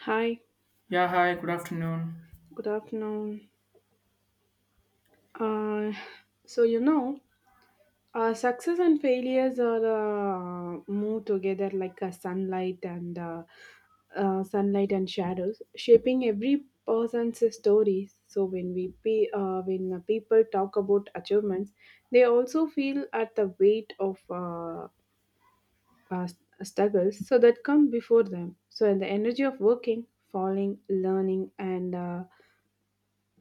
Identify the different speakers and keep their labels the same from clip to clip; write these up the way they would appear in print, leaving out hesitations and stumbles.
Speaker 1: Hi,
Speaker 2: Yeah, hi, good afternoon.
Speaker 1: good afternoon. Uh, so, you know, success and failures are move together like a sunlight and sunlight and shadows, shaping every person's story. So, when people talk about achievements, they also feel at the weight of uh, struggles so that come before them. So, and the energy of working, falling, learning, and uh,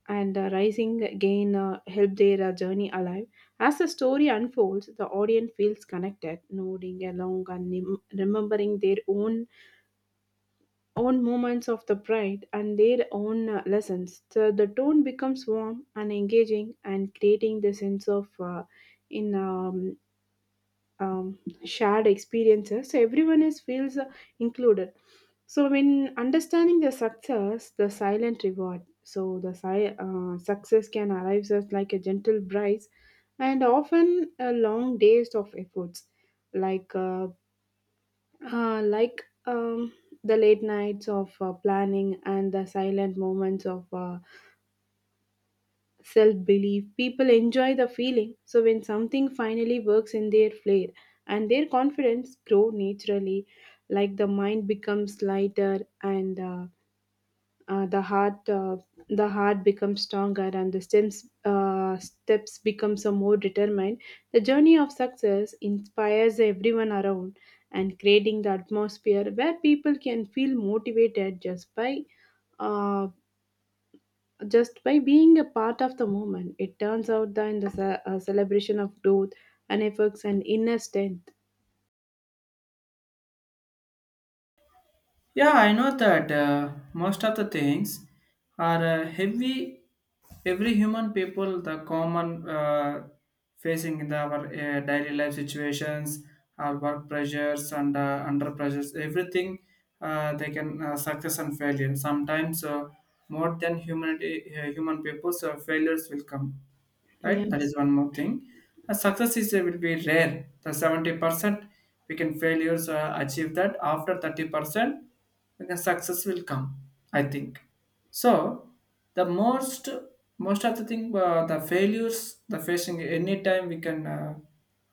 Speaker 1: and uh, rising again help their journey alive. As the story unfolds, the audience feels connected, nodding along and remembering their own moments of the pride and their own lessons. So the tone becomes warm and engaging, and creating the sense of in um, shared experiences so everyone is feels included so when understanding the success the silent reward so success can arrive as like a gentle prize and often a long days of efforts like uh, like the late nights of planning and the silent moments of self belief. People enjoy the feeling, so when something finally works in their flair and their confidence grow naturally, like the mind becomes lighter and uh, the heart uh, the heart becomes stronger and the steps becomes a more determined. The journey of success inspires everyone around and creating the atmosphere where people can feel motivated uh, just by being a part of the moment, it turns out that in the celebration of growth and efforts and inner strength.
Speaker 2: Yeah, I know that most of the things are heavy. Every human people, the common facing in our daily life situations, our work pressures and under pressures, everything they can success and failure. Sometimes more than humanity, human people, so failures will come, right? That
Speaker 1: Yes.
Speaker 2: is one more thing. A success is will be rare. The 70% we can failures achieve that after 30% the success will come. I think so. The most of the thing the failures the facing any time we can. Uh,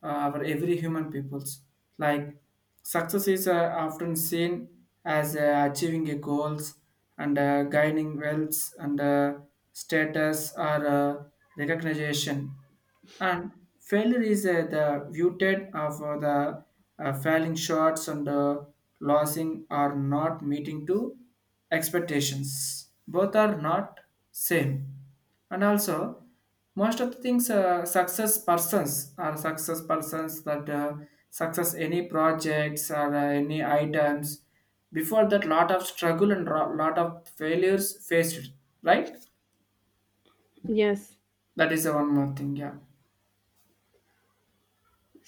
Speaker 2: uh, Our every human peoples. Like success is often seen as achieving a goals and gaining wealth and status or recognition, and failure is the viewed of the failing shots and losing or not meeting to expectations. Both are not same, and also most of the things success persons are success persons that success any projects or any items before that lot of struggle and lot of failures faced, right?
Speaker 1: Yes.
Speaker 2: That is the one more thing. Yeah,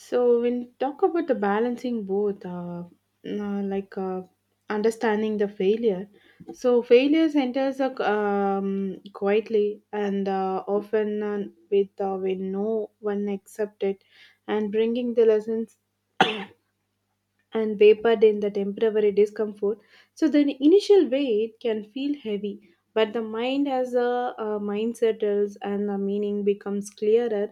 Speaker 1: So when you talk about the balancing both, uh, like uh, understanding the failure, so failures enters quietly and often with when no one accepted, and bringing the lessons and vapored in the temporary discomfort. So the initial weight can feel heavy, but the mind as a mind settles and the meaning becomes clearer,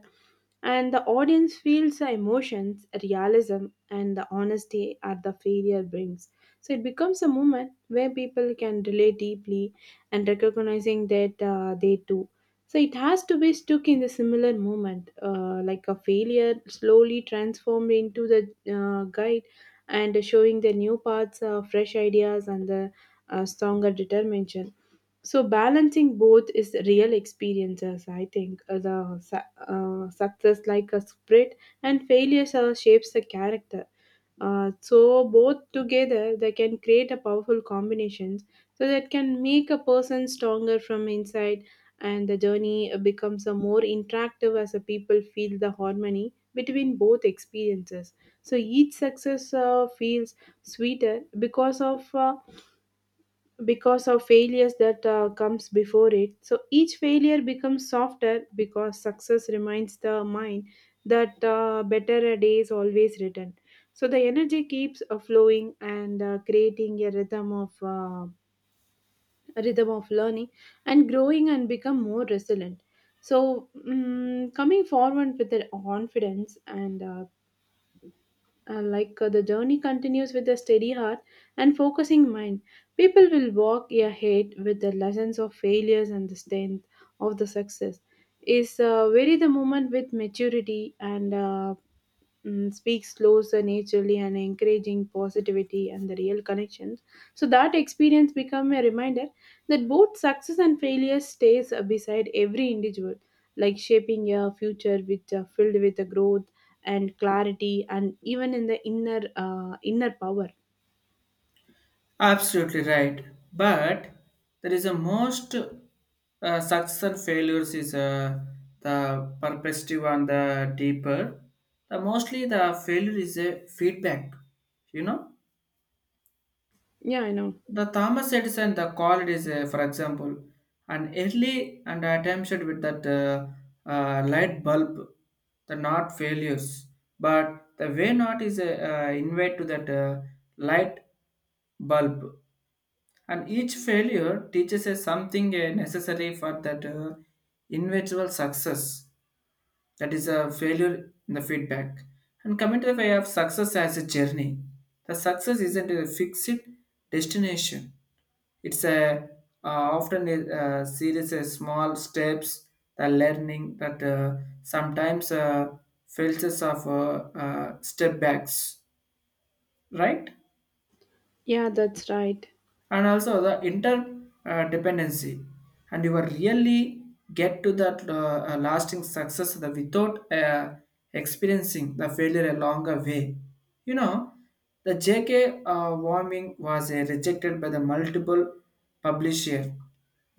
Speaker 1: and the audience feels the emotions, realism, and the honesty at the failure brings. So it becomes a moment where people can relate deeply and recognizing that they too. So it has to be stuck in the similar moment, like a failure slowly transformed into the guide and showing the new paths, fresh ideas, and the stronger determination. So balancing both is real experiences. I think success like a spread and failures shapes the character. So both together they can create a powerful combinations so that can make a person stronger from inside and the journey becomes a more interactive as the people feel the harmony between both experiences so each success feels sweeter because of failures that comes before it so each failure becomes softer because success reminds the mind that better a day is always written so the energy keeps flowing and creating a rhythm of learning and growing and become more resilient so coming forward with the confidence and the journey continues with a steady heart and focusing mind people will walk ahead with the lessons of failures and the strength of the success is vary the moment with maturity and speaks closer naturally and encouraging positivity and the real connections so that experience become a reminder that both success and failure stays beside every individual like shaping a future which filled with the growth and clarity and even in the inner power.
Speaker 2: absolutely right. But there is a most success and failures is the perspective and the deeper, the mostly the failure is a feedback you know
Speaker 1: Yeah, I know.
Speaker 2: The Thomas Edison, the call it is, for example, an early and attempted with that light bulb, the not failures, but the way not is a invite to that light bulb, and each failure teaches us something necessary for that individual success. That is a failure in the feedback, and coming to the way of success as a journey, the success isn't a fixed destination. It's a often a series of small steps, the learning that sometimes fails us of step backs, right?
Speaker 1: Yeah, that's right.
Speaker 2: And also the interdependency, and you will really get to that lasting success the, without experiencing the failure a longer way you know the jk warming was rejected by the multiple publisher.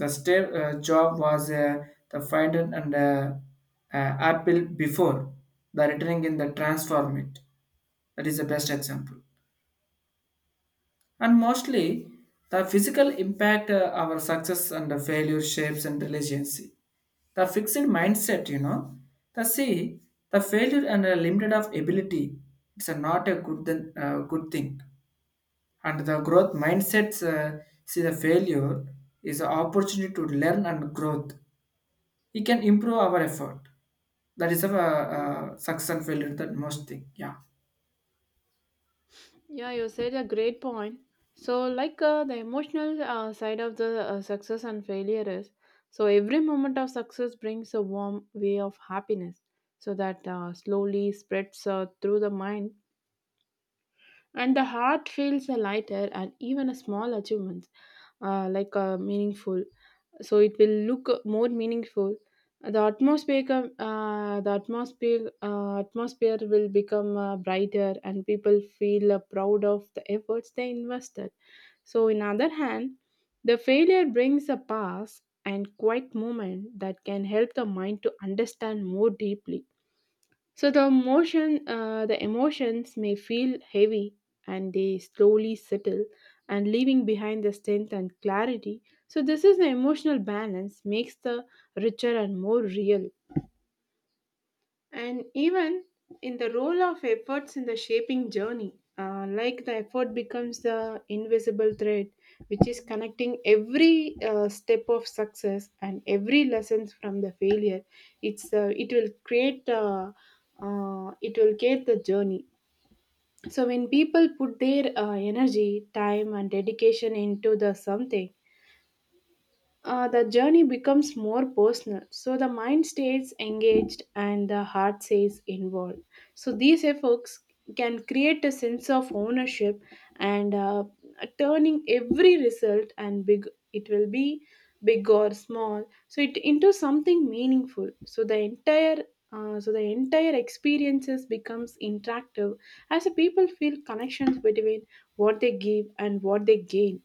Speaker 2: The step job was the finder and apple before the returning in the transform it. That is the best example. And mostly, the physical impact our success and the failure shapes and resiliency. The fixed mindset, the see the failure and the limited of ability. It's a not a good thing. And the growth mindsets see the failure is an opportunity to learn and growth. It can improve our effort. That is a success and failure that most thing. Yeah,
Speaker 1: Yeah, you said a great point. So, like the emotional side of the success and failure is, so every moment of success brings a warm way of happiness, so that slowly spreads through the mind, and the heart feels lighter, and even a small achievements, meaningful so it will look more meaningful. The atmosphere atmosphere will become brighter and people feel proud of the efforts they invested so in other hand the failure brings a pause and quiet moment that can help the mind to understand more deeply so the emotions may feel heavy, and they slowly settle, and leaving behind the strength and clarity. So this is the emotional balance makes the richer and more real and even in the role of efforts in the shaping journey like the effort becomes the invisible thread which is connecting every step of success and every lessons from the failure. it's uh, it will create uh, it will create the journey so when people put their energy time and dedication into the something, the journey becomes more personal. So the mind stays engaged and the heart stays involved. So these efforts can create a sense of ownership and turning every result and big it will be big or small so it into something meaningful so the entire experiences becomes interactive as the people feel connections between what they give and what they gain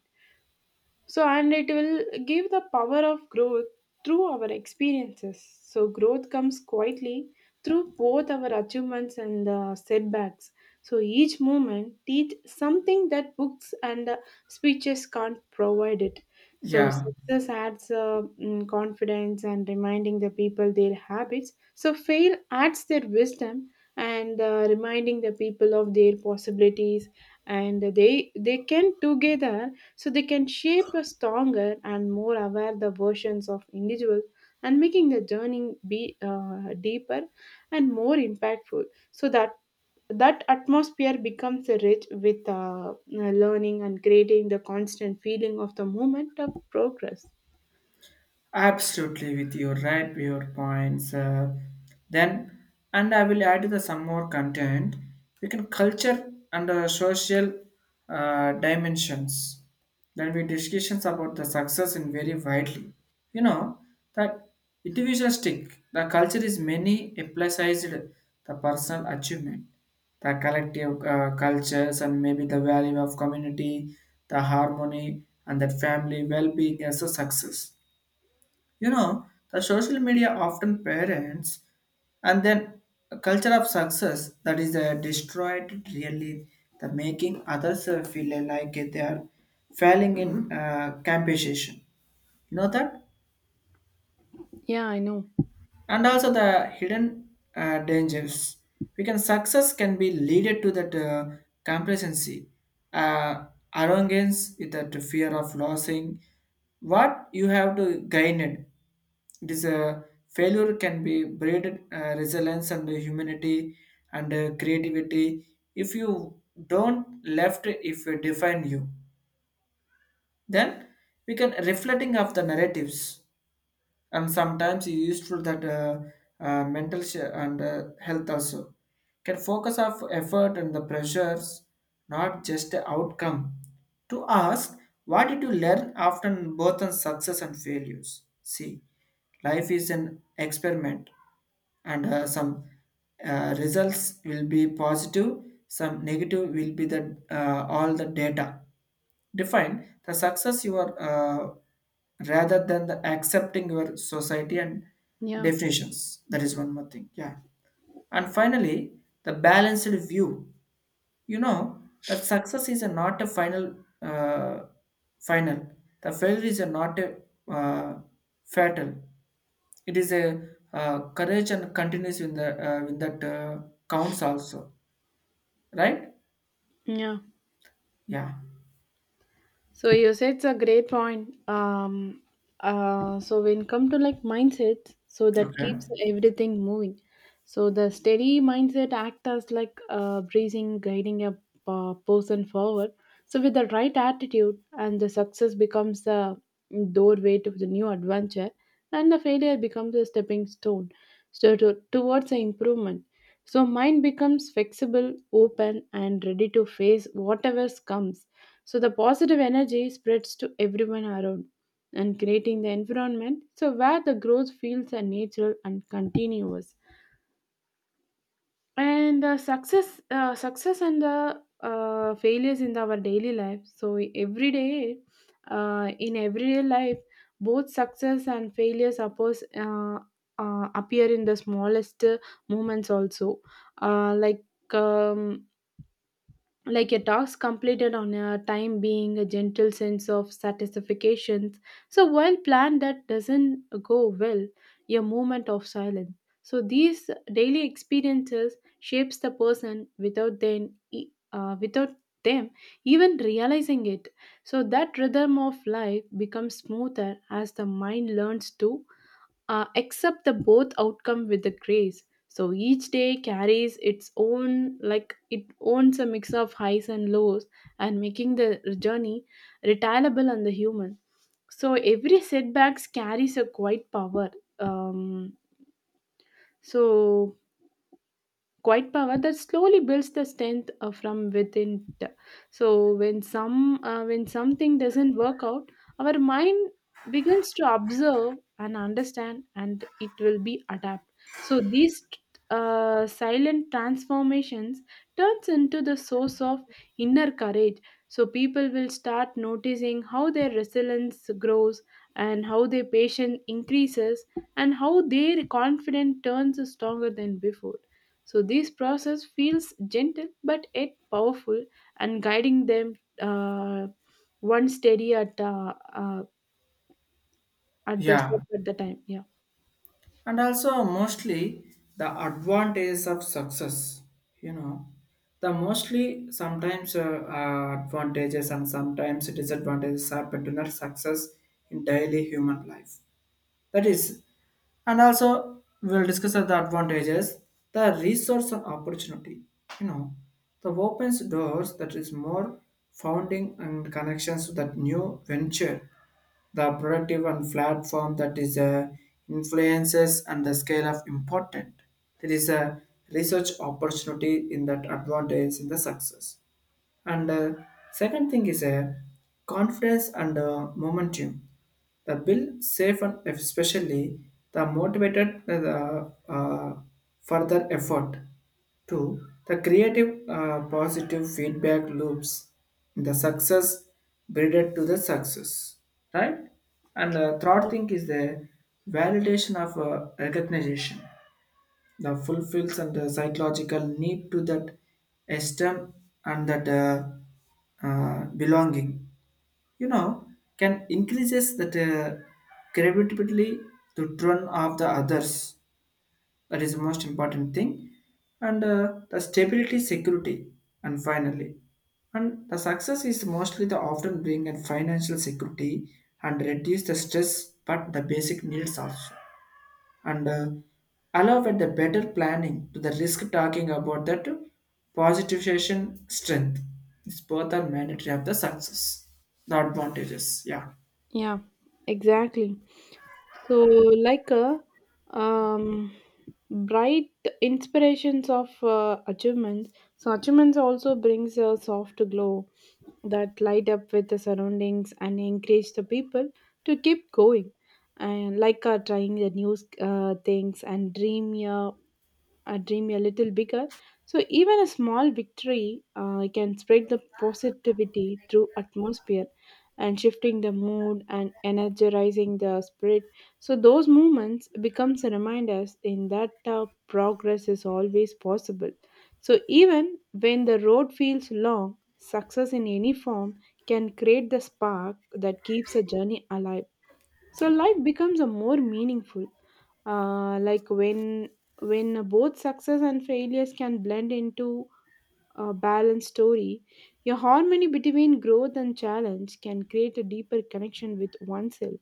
Speaker 1: so, and it will give the power of growth through our experiences. So, growth comes quietly through both our achievements and setbacks. So, each moment teach something that books and speeches can't provide it. So,
Speaker 2: yeah.
Speaker 1: success adds confidence and reminding the people their habits. So, fail adds their wisdom and reminding the people of their possibilities and they can together so they can shape a stronger and more aware the versions of individuals and making the journey be deeper and more impactful. So that atmosphere becomes rich with learning and creating the constant feeling of the moment of progress.
Speaker 2: Absolutely, with your right, your points. Then, and I will add the some more content. We can culture and social dimensions. Then we discussions about the success in very widely. You know that individualistic the culture is many emphasized the personal achievement, the collective cultures, and maybe the value of community, the harmony, and that family well-being as a success you know, the social media often parents and then a culture of success that is destroyed really, the making others feel like they are failing in competition. You know that?
Speaker 1: Yeah, I know.
Speaker 2: And also the hidden dangers we can success can be leaded to that complacency, uh, arrogance with that fear of losing what you have to gain it. It is a failure can be bred resilience and humanity and creativity if you don't left, if you define you, then we can reflecting of the narratives, and sometimes it's useful that mental and health also can focus of effort and the pressures, not just the outcome. To ask what did you learn after both on success and failures. See, life is an experiment, and some results will be positive, some negative will be the all the data. Define the success you are rather than the accepting your society and
Speaker 1: Yeah,
Speaker 2: definitions. That is one more thing. Yeah. And finally, the balanced view. You know that success is a not a final, uh, final. The failure is a not a uh, fatal. It is a courage and continues in the in that counts also, right?
Speaker 1: yeah.
Speaker 2: Yeah.
Speaker 1: So you said it's a great point. So when come to like mindset, so that
Speaker 2: Okay.
Speaker 1: keeps everything moving. So the steady mindset act as like breathing, guiding a person forward. So with the right attitude, and the success becomes the doorway to the new adventure, and the failure becomes a stepping stone so towards the improvement. So mind becomes flexible, open, and ready to face whatever comes so the positive energy spreads to everyone around and creating the environment so where the growth feels are natural and continuous. And the success, success and the failures in our daily life. So every day, in everyday life, both success and failures appear in the smallest moments also. Uh, like um, like a task completed on a time being a gentle sense of satisfaction so while plan that doesn't go well a moment of silence so these daily experiences shapes the person without then e- without them even realizing it so that rhythm of life becomes smoother as the mind learns to accept the both outcome with the grace so each day carries its own like it owns a mix of highs and lows and making the journey retailable and the human so every setbacks carries a quite power um, so quiet power that slowly builds the strength from within so when something doesn't work out our mind begins to observe and understand and it will be adapt so these silent transformations turns into the source of inner courage so people will start noticing how their resilience grows and how their patience increases and how their confidence turns stronger than before so this process feels gentle but yet powerful and guiding them one steady at the
Speaker 2: Yeah.
Speaker 1: step at the time. Yeah.
Speaker 2: And also mostly the advantages of success you know the mostly sometimes advantages and sometimes disadvantages happen to not success in daily human life. That is, and also we'll discuss the advantages, the resource and opportunity. You know, the opens doors that is more founding and connections to that new venture, the productive and platform that is influences and the scale of important. There is a research opportunity in that advantage in the success. And second thing is a confidence and momentum. The bill safe and especially the motivated further effort. Two, the creative positive feedback loops. The success breeded to the success, right? And the third thing is the validation of recognition, the fulfills and the psychological need to that esteem and that belonging you know can increases that credibility to turn off the others. That is the most important thing. And the stability security. And finally, and the success is mostly the often bring and financial security and reduce the stress but the basic needs also, and allow with the better planning to the risk talking about that positivization strength. It's both are mandatory of the success, the advantages. Yeah,
Speaker 1: Yeah, exactly. So, like a um, bright inspirations of achievements. So, achievements also brings a soft glow that light up with the surroundings and encourage the people to keep going. And like trying the new things and dream a dream a little bigger. So even a small victory can spread the positivity through atmosphere and shifting the mood and energizing the spirit. So those movements becomes a reminders in that progress is always possible. So even when the road feels long, success in any form can create the spark that keeps a journey alive so life becomes a more meaningful like when both success and failures can blend into a balanced story your harmony between growth and challenge can create a deeper connection with oneself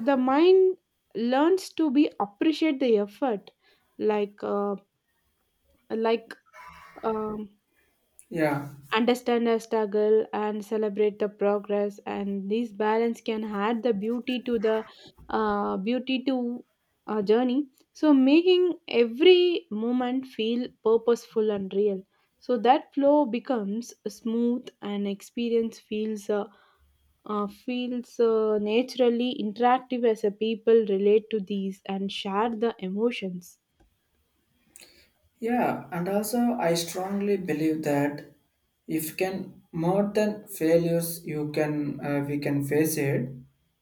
Speaker 1: the mind learns to be appreciate the effort like uh, like um,
Speaker 2: yeah.
Speaker 1: understand our struggle and celebrate the progress and this balance can add the beauty to our journey so making every moment feel purposeful and real so that flow becomes smooth and experience feels naturally interactive as a people relate to these and share the emotions.
Speaker 2: Yeah, and also I strongly believe that if can more than failures you can we can face it,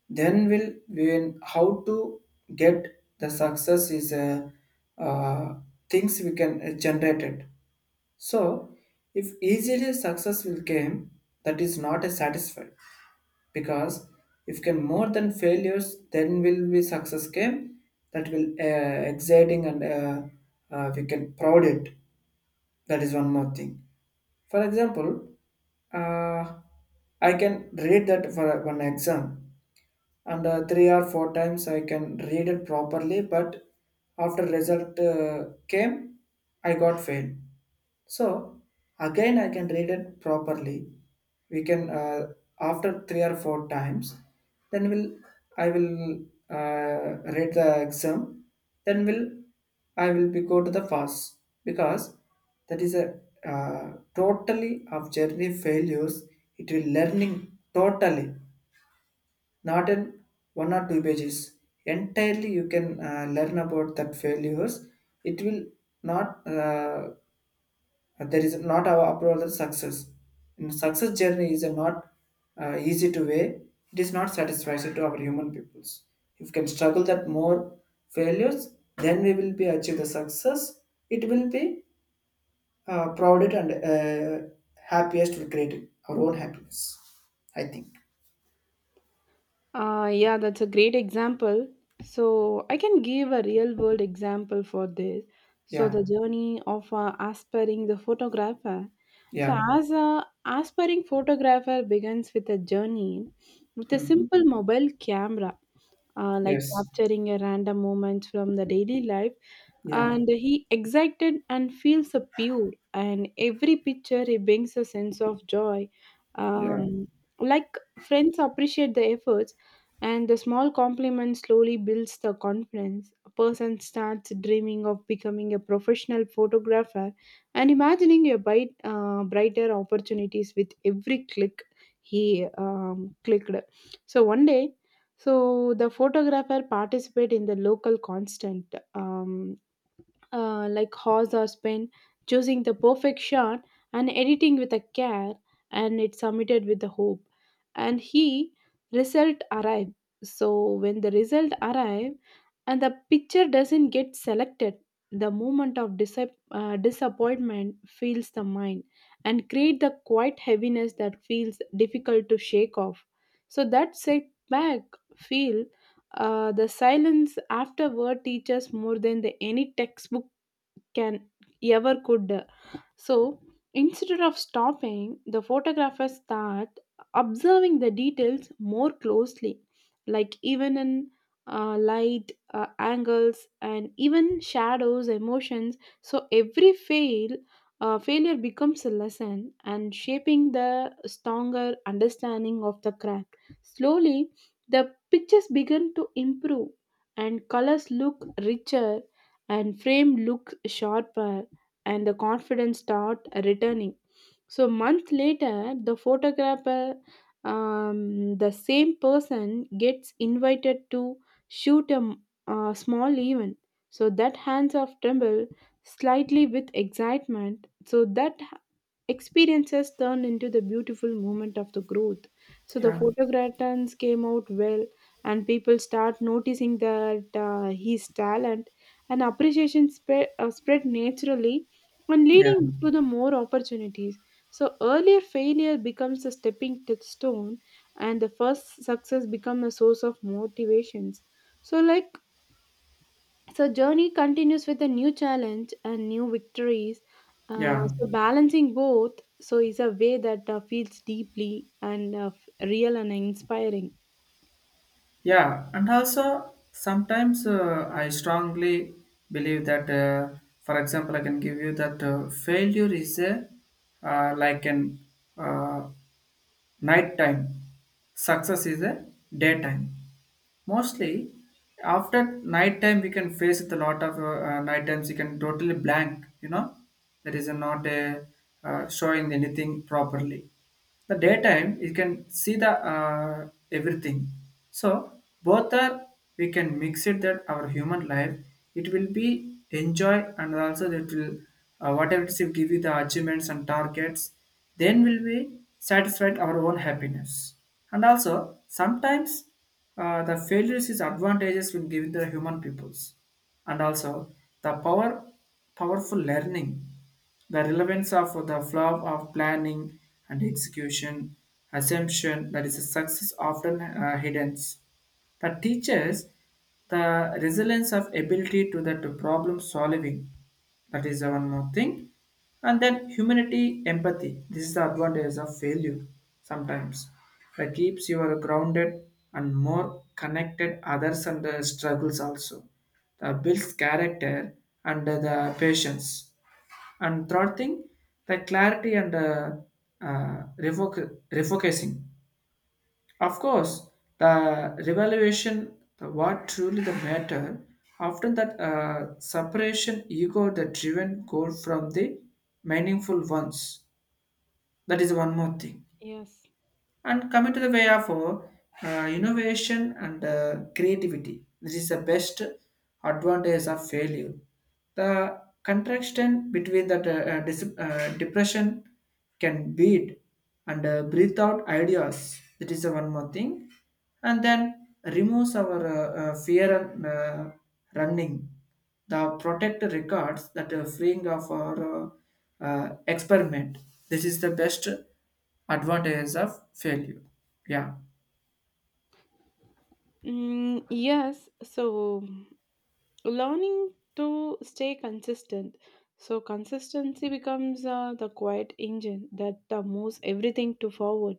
Speaker 2: then will when how to get the success is uh, things we can generate it. So if easily success will came, that is not a satisfied because if can more than failures then will be success game that will exciting and we can proud it. That is one more thing. For example, uh, I can read that for one exam, and three or four times I can read it properly. But after result came, I got fail. So again, I can read it properly. We can after three or four times, then will I will uh, read the exam. Then will I will be go to the pass because that is a totally of journey failures. It will learning totally, not in one or two pages. Entirely, you can learn about that failures. It will not. There is not our approval of success. And success journey is not easy to weigh. It is not satisfactory to our human peoples. If we can struggle that more failures, then we will be achieve the success. It will be prouded and happiest we create our own happiness. I think.
Speaker 1: Yeah, that's a great example. So, I can give a real world example for this. So, the
Speaker 2: Yeah.
Speaker 1: journey of aspiring the photographer. So,
Speaker 2: Yeah.
Speaker 1: as a aspiring photographer begins with a journey with a
Speaker 2: Mhm.
Speaker 1: simple mobile camera, like
Speaker 2: Yes.
Speaker 1: capturing a random moment from the daily life
Speaker 2: Yeah.
Speaker 1: and he excited and feels a pure and every picture he brings a sense of joy
Speaker 2: Yeah.
Speaker 1: um, like friends appreciate the efforts and the small compliment slowly builds the confidence a person starts dreaming of becoming a professional photographer and imagining a bright, brighter opportunities with every click he clicked so one day so the photographer participate in the local constant, like horse or spin, choosing the perfect shot and editing with a care, and it's submitted with the hope. And he result arrive. So when the result arrive and the picture doesn't get selected, the moment of disappointment fills the mind and create the quiet heaviness that feels difficult to shake off. So that setback feel, the silence afterward teaches more than the any textbook can ever could so instead of stopping, the photographer start observing the details more closely, like even in light, angles, and even shadows, emotions. So every failure becomes a lesson and shaping the stronger understanding of the craft. Slowly, the pictures begin to improve, and colors look richer, and frame look sharper and the confidence start returning so month later the photographer the same person gets invited to shoot a small event so that hands of tremble slightly with excitement so that experiences turned into the beautiful moment of the growth. So the
Speaker 2: Yeah.
Speaker 1: photographs came out well, and people start noticing that his talent and appreciation spread naturally and
Speaker 2: Yeah.
Speaker 1: leading to the more opportunities. So earlier failure becomes a stone, and the first success becomes a source of motivations. So like so journey continues with a new challenge and new victories.
Speaker 2: Yeah.
Speaker 1: So balancing both so is a way that feels deeply and real and inspiring.
Speaker 2: Yeah. And also, sometimes I strongly believe that, for example, I can give you that failure is a like an uh, nighttime, success is a daytime. Mostly after night time we can face with a lot of night times you can totally blank. You know there is a not a showing anything properly. The daytime you can see the everything. So both are we can mix it that our human life, it will be enjoy and also it will whatever it is will give you the achievements and targets. Then will we satisfied our own happiness. And also sometimes the failures is advantages will give the human peoples. And also the powerful learning, the relevance of the flow of planning and execution assumption that is a success often hidden that teaches the resilience of ability to that problem solving. That is one more thing. And then humanity empathy, this is the advantage of failure sometimes that keeps you are grounded and more connected others and the struggles also that builds character and the patience. And third thing, the clarity and uh, refocusing. Of course, the revaluation, the what truly the matter, often that separation ego the driven goal from the meaningful ones. That is one more thing.
Speaker 1: Yes.
Speaker 2: And coming to the way of innovation and creativity, this is the best advantage of failure. The contraction between that depression can beat and breathe out ideas. That is the one more thing, and then removes our fear and running. The protect records that are freeing of our experiment. This is the best advantages of failure. Yeah,
Speaker 1: Mm, yes. So learning to stay consistent so consistency becomes the quiet engine that moves everything to forward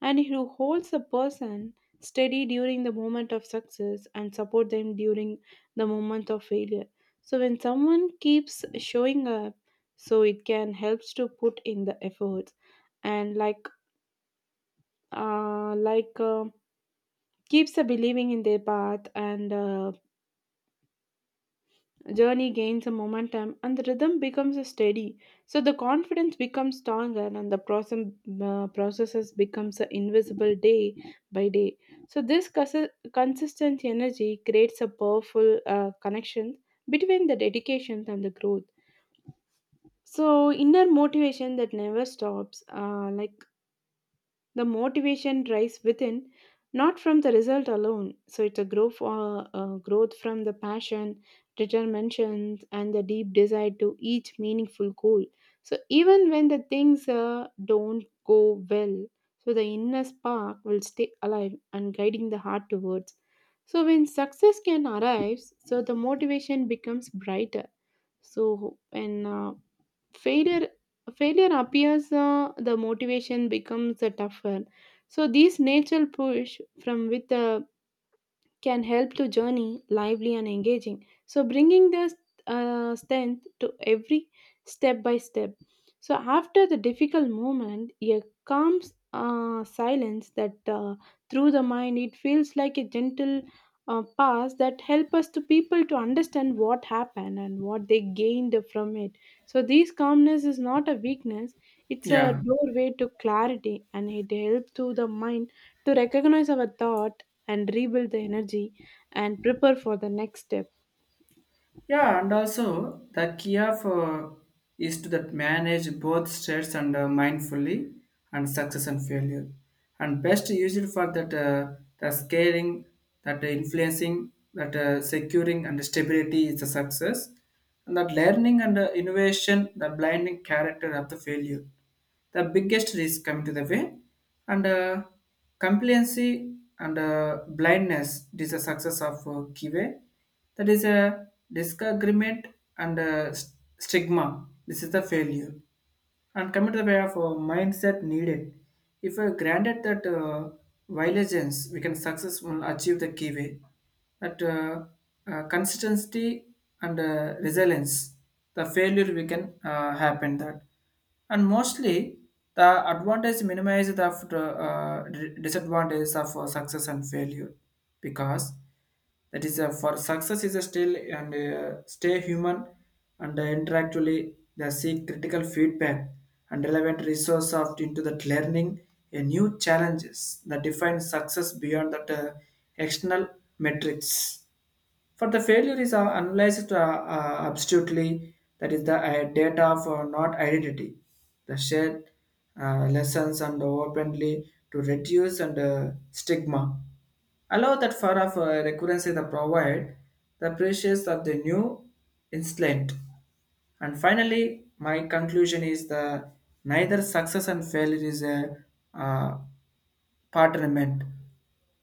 Speaker 1: and who holds a person steady during the moment of success and support them during the moment of failure so when someone keeps showing up so it can helps to put in the efforts and like keeps believing in their path and journey gains a momentum and the rhythm becomes a steady so the confidence becomes stronger and the process processes becomes a invisible day by day so this consistent energy creates a powerful connection between the dedication and the growth so inner motivation that never stops like the motivation drives within, not from the result alone. So it's a growth from the passion, determination, and the deep desire to each meaningful goal. So even when the things don't go well, so the inner spark will stay alive and guiding the heart towards. So when success can arrives, so the motivation becomes brighter. So when failure failure appears, the motivation becomes tougher. So, this natural push from with the can help to journey lively and engaging. So bringing this strength to every step by step. So after the difficult moment, a calm silence that through the mind it feels like a gentle pass that help us to people to understand what happened and what they gained from it. So this calmness is not a weakness; it's a
Speaker 2: yeah.
Speaker 1: doorway to clarity, and it helps to the mind to recognize our thought and rebuild the energy and prepare for the next step.
Speaker 2: Yeah, and also the key of is to that manage both states and mindfully, and success and failure, and best used for that the scaling, that influencing, that securing and stability is the success, and that learning and innovation, the blinding character of the failure, the biggest risk coming to the way. And compliancy and blindness, it is a success of kiwe. That is a disagreement and stigma. This is the failure. And coming to the way of mindset needed. If we granted that violence, we can successfully achieve the key way. That consistency and resilience, the failure we can happen that. And mostly the advantage minimizes the disadvantages of success and failure because that is for success is a still and stay human and interactually they seek critical feedback and relevant resource of into that learning a new challenges that define success beyond that external metrics. For the failure is analyzed absolutely, that is the data for not identity, the shared lessons and openly to reduce and stigma. Allow that for of recurrence is the provide the precious of the new instant. And finally, my conclusion is the neither success and failure is a uh, partnerment,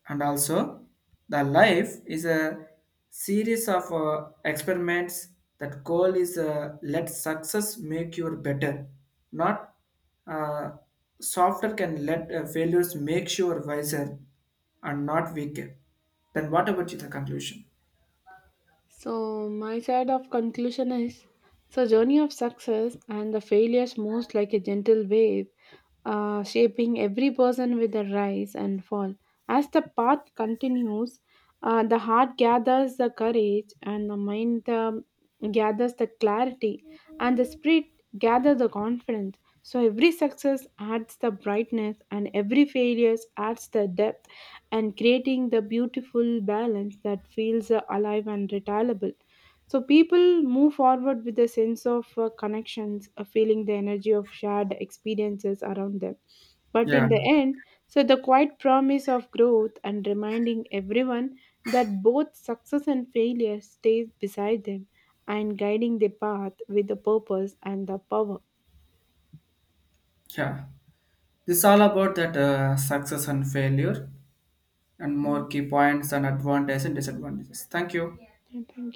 Speaker 2: and also the life is a series of experiments. That goal is let success make you better, not uh, softer, can let failures make you wiser and not weaker. Then what about you, the conclusion?
Speaker 1: So, my side of conclusion is so journey of success and the failures moves like a gentle wave, shaping every person with a rise and fall. As the path continues, the heart gathers the courage, and the mind, gathers the clarity, and the spirit gathers the confidence. So every success adds the brightness, and every failure adds the depth and creating the beautiful balance that feels alive and retailable. So people move forward with a sense of connections, feeling the energy of shared experiences around them. But
Speaker 2: Yeah.
Speaker 1: in the end, so the quiet promise of growth and reminding everyone that both success and failure stays beside them and guiding the path with the purpose and the power.
Speaker 2: Yeah, this is all about that success and failure and
Speaker 1: Yeah,
Speaker 2: more key points and advantages and disadvantages. Thank you.
Speaker 1: and thank